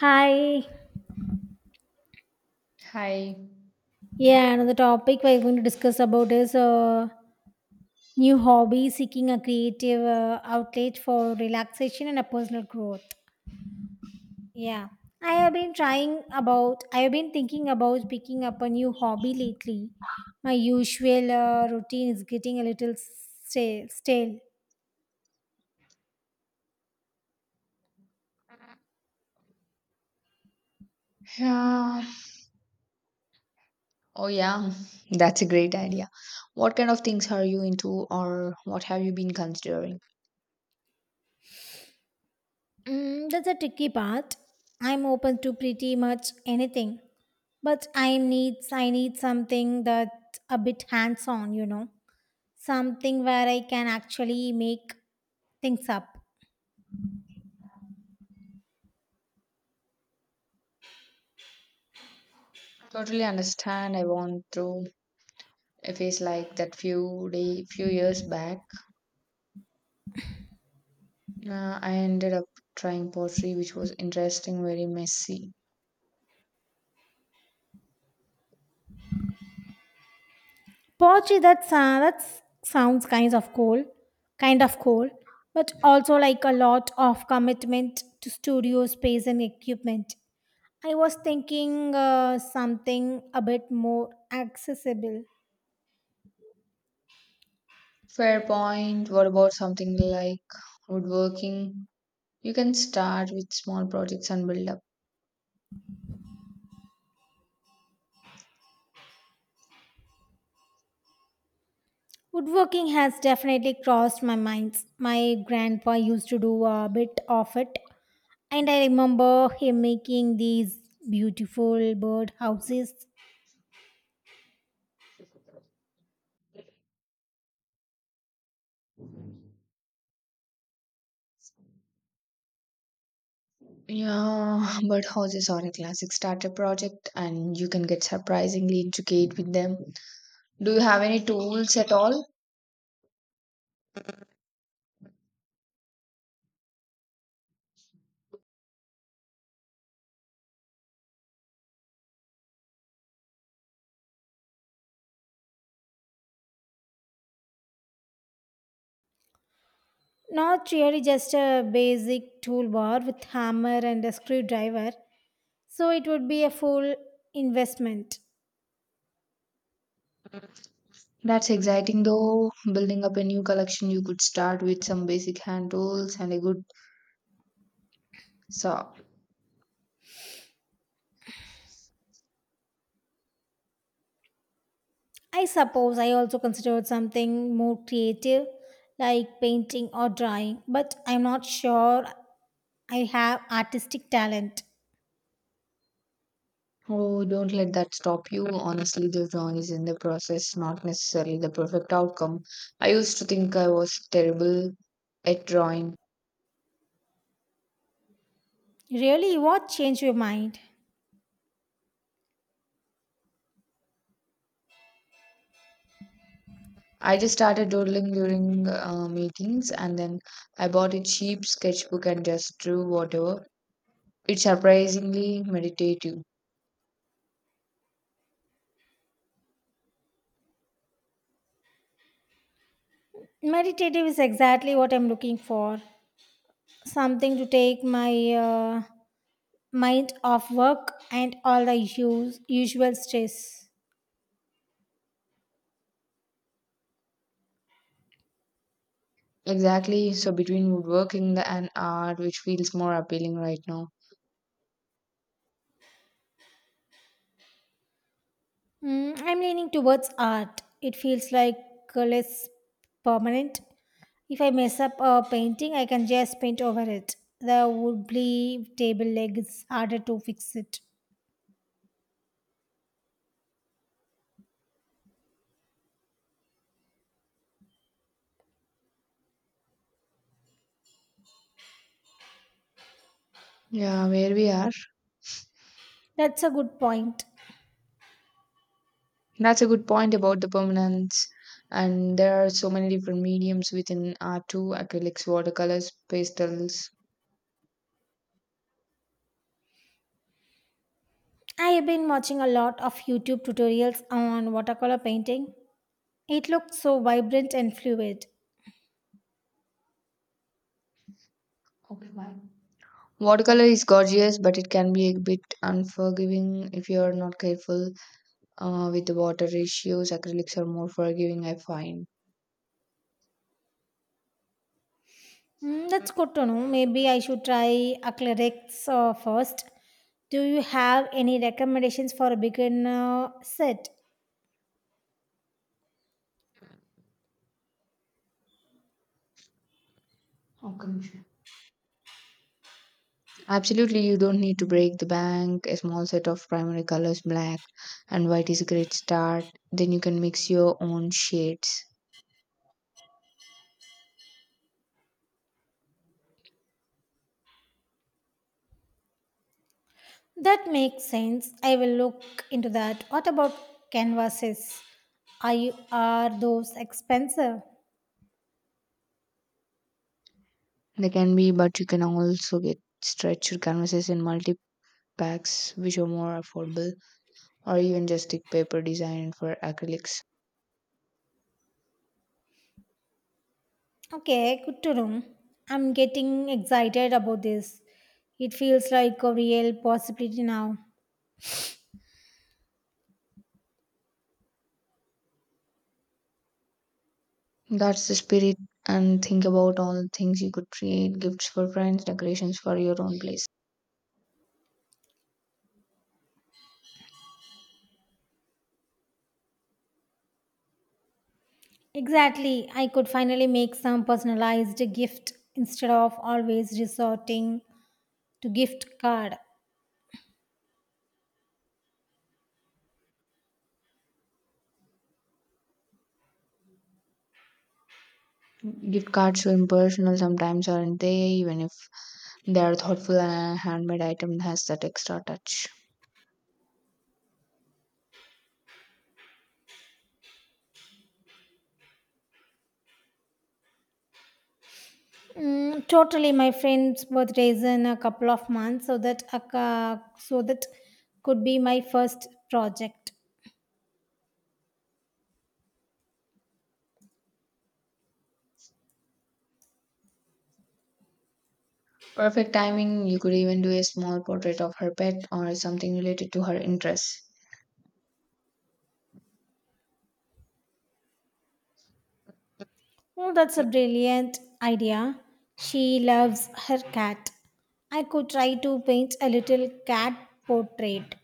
Hi. Hi. Yeah, another topic we're going to discuss about is new hobby seeking a creative outlet for relaxation and a personal growth. Yeah. I have been thinking about picking up a new hobby lately. My usual routine is getting a little stale. Yeah. Oh, yeah. That's a great idea. What kind of things are you into, or what have you been considering? That's a tricky part. I'm open to pretty much anything, but I need something that a bit hands on, you know, something where I can actually make things up. Totally understand. I want to. If it's like that few day, few years back, I ended up trying pottery, which was interesting, very messy. Poetry, that's that sounds kind of cool, but also like a lot of commitment to studio space and equipment. I was thinking something a bit more accessible. Fair point. What about something like woodworking? You can start with small projects and build up. Woodworking has definitely crossed my minds. My grandpa used to do a bit of it, and I remember him making these beautiful bird houses. Yeah, but houses are a classic starter project and you can get surprisingly intricate with them. Do you have any tools at all? Not really, just a basic toolbar with hammer and a screwdriver, so it would be a full investment. That's exciting though. Building up a new collection, you could start with some basic hand tools and a good saw. I suppose I also considered something more creative like painting or drawing, but I'm not sure I have artistic talent. Oh, don't let that stop you. Honestly, the drawing is in the process, not necessarily the perfect outcome. I used to think I was terrible at drawing. Really, what changed your mind? I just started doodling during meetings, and then I bought a cheap sketchbook and just drew whatever. It's surprisingly meditative. Meditative is exactly what I'm looking for. Something to take my mind off work and all the usual stress. Exactly. So between woodworking and art, which feels more appealing right now. I'm leaning towards art. It feels like less permanent. If I mess up a painting, I can just paint over it. The wobbly table leg is harder to fix it. Yeah, where we are. That's a good point. That's a good point about the permanence. And there are so many different mediums within art too, acrylics, watercolors, pastels. I have been watching a lot of YouTube tutorials on watercolor painting. It looks so vibrant and fluid. Okay, bye. Watercolor is gorgeous, but it can be a bit unforgiving if you are not careful. With the water ratios, acrylics are more forgiving, I find. That's good to know. Maybe I should try acrylics first. Do you have any recommendations for a beginner set? Okay, Nisha. Absolutely, you don't need to break the bank. A small set of primary colors, black and white, is a great start. Then you can mix your own shades. That makes sense. I will look into that. What about canvases? Are those expensive? They can be, but you can also get stretched canvases in multi packs, which are more affordable, or even just stick paper designed for acrylics. Okay, good to know. I'm getting excited about this. It feels like a real possibility now. That's the spirit, and think about all the things you could create, gifts for friends, decorations for your own place. Exactly. I could finally make some personalized gift instead of always resorting to gift card. Gift cards are impersonal sometimes, aren't they? Even if they are thoughtful, and a handmade item has that extra touch. Totally, my friend's birthday is in a couple of months, so that a so that could be my first project. Perfect timing. You could even do a small portrait of her pet or something related to her interests. Oh, that's a brilliant idea. She loves her cat. I could try to paint a little cat portrait.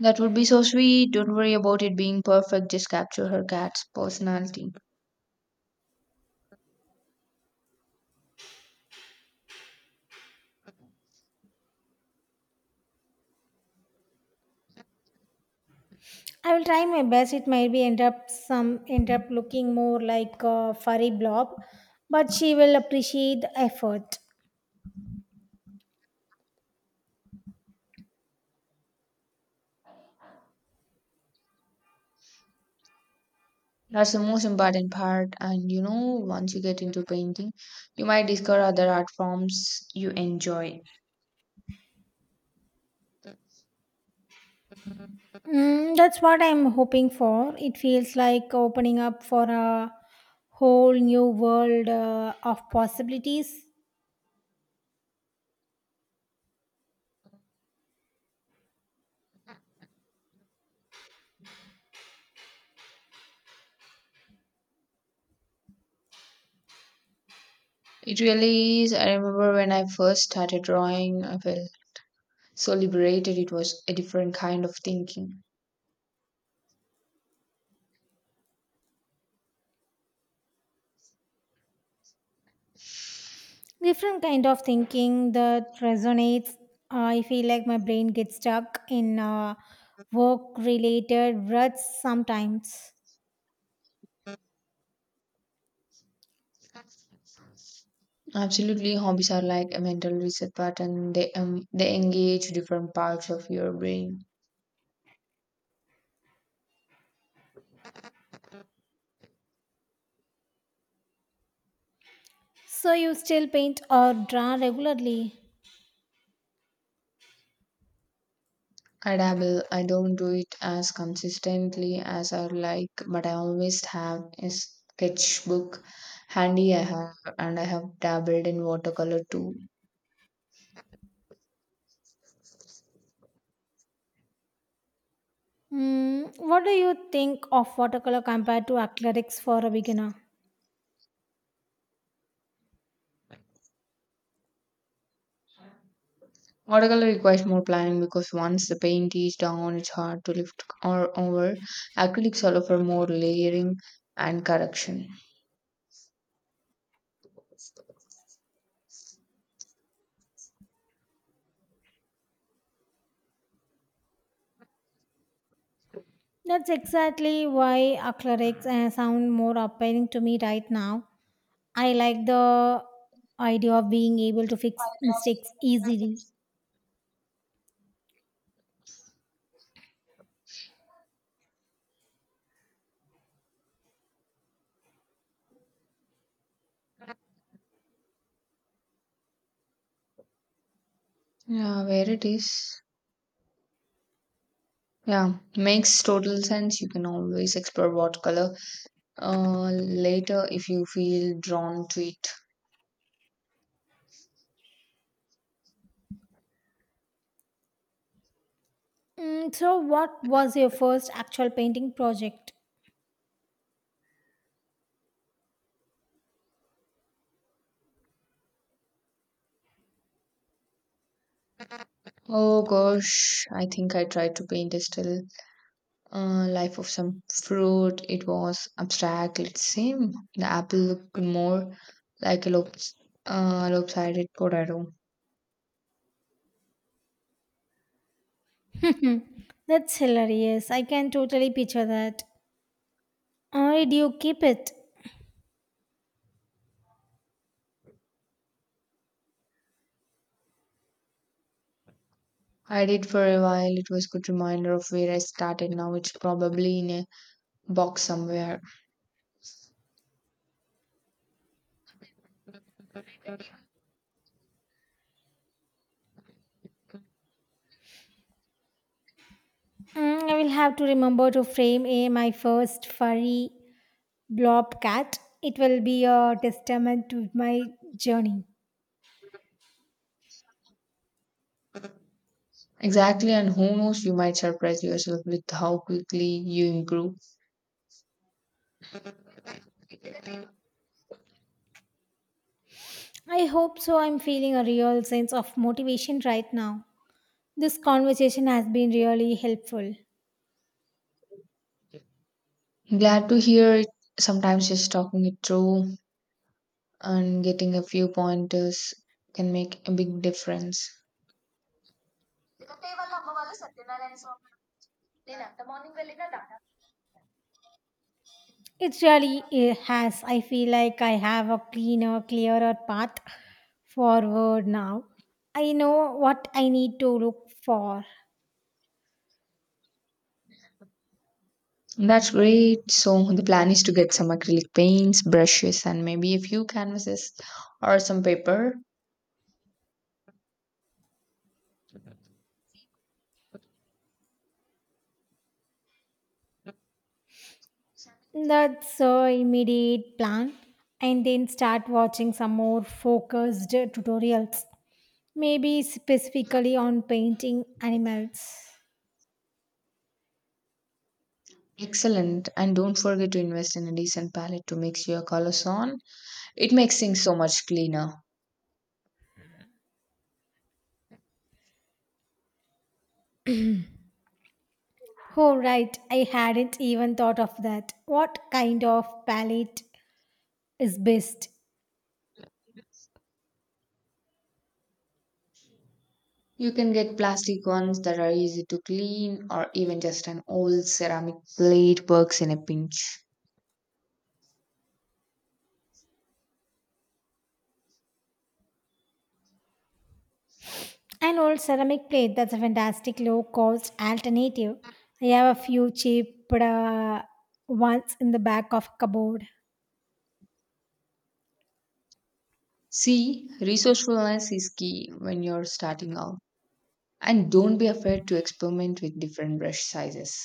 That would be so sweet. Don't worry about it being perfect. Just capture her cat's personality. I will try my best. It might be end up some end up looking more like a furry blob, but she will appreciate the effort. That's the most important part. And you know, once you get into painting, you might discover other art forms you enjoy. That's what I'm hoping for. It feels like opening up for a whole new world of possibilities, It really is. I remember when I first started drawing, I felt so liberated. It was a different kind of thinking. different kind of thinking that resonates. I feel like my brain gets stuck in work-related ruts sometimes. Absolutely, hobbies are like a mental reset button. They engage different parts of your brain. So you still paint or draw regularly. I dabble. I don't do it as consistently as I like, but I always have a sketchbook handy. I have and i have dabbled in watercolor too. What do you think of watercolor compared to acrylics for a beginner? Watercolor requires more planning because once the paint is down it's hard to lift or over. Acrylics allow for more layering and correction. That's exactly why acrylics sound more appealing to me right now. I like the idea of being able to fix mistakes easily. Yeah, where it is. Yeah, makes total sense. You can always explore watercolor later if you feel drawn to it. So, what was your first actual painting project? Oh gosh, I think I tried to paint a still life of some fruit. It was abstract. It seemed the apple looked more like a lopsided potato. That's hilarious. I can totally picture that. Or do you keep it? I did for a while. It was good reminder of where I started. Now it's probably in a box somewhere. I will have to remember to frame a my first furry blob cat. It will be a testament to my journey. Exactly, and who knows, you might surprise yourself with how quickly you improve. I hope so. I'm feeling a real sense of motivation right now. This conversation has been really helpful. Glad to hear it. Sometimes just talking it through and getting a few pointers can make a big difference. It really has. I feel like I have a cleaner, clearer path forward now. I know what I need to look for. That's great. So, the plan is to get some acrylic paints, brushes, and maybe a few canvases or some paper. That's a immediate plan. And then start watching some more focused tutorials, maybe specifically on painting animals. Excellent. And don't forget to invest in a decent palette to mix your colors on. It makes things so much cleaner. Oh, right. I hadn't even thought of that. What kind of palette is best? You can get plastic ones that are easy to clean, or even just an old ceramic plate works in a pinch. An old ceramic plate, that's a fantastic low cost alternative. I have a few cheap ones in the back of cupboard. See, resourcefulness is key when you're starting out. And don't be afraid to experiment with different brush sizes.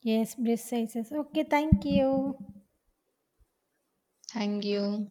Yes, breast sizes. Okay, thank you. Thank you.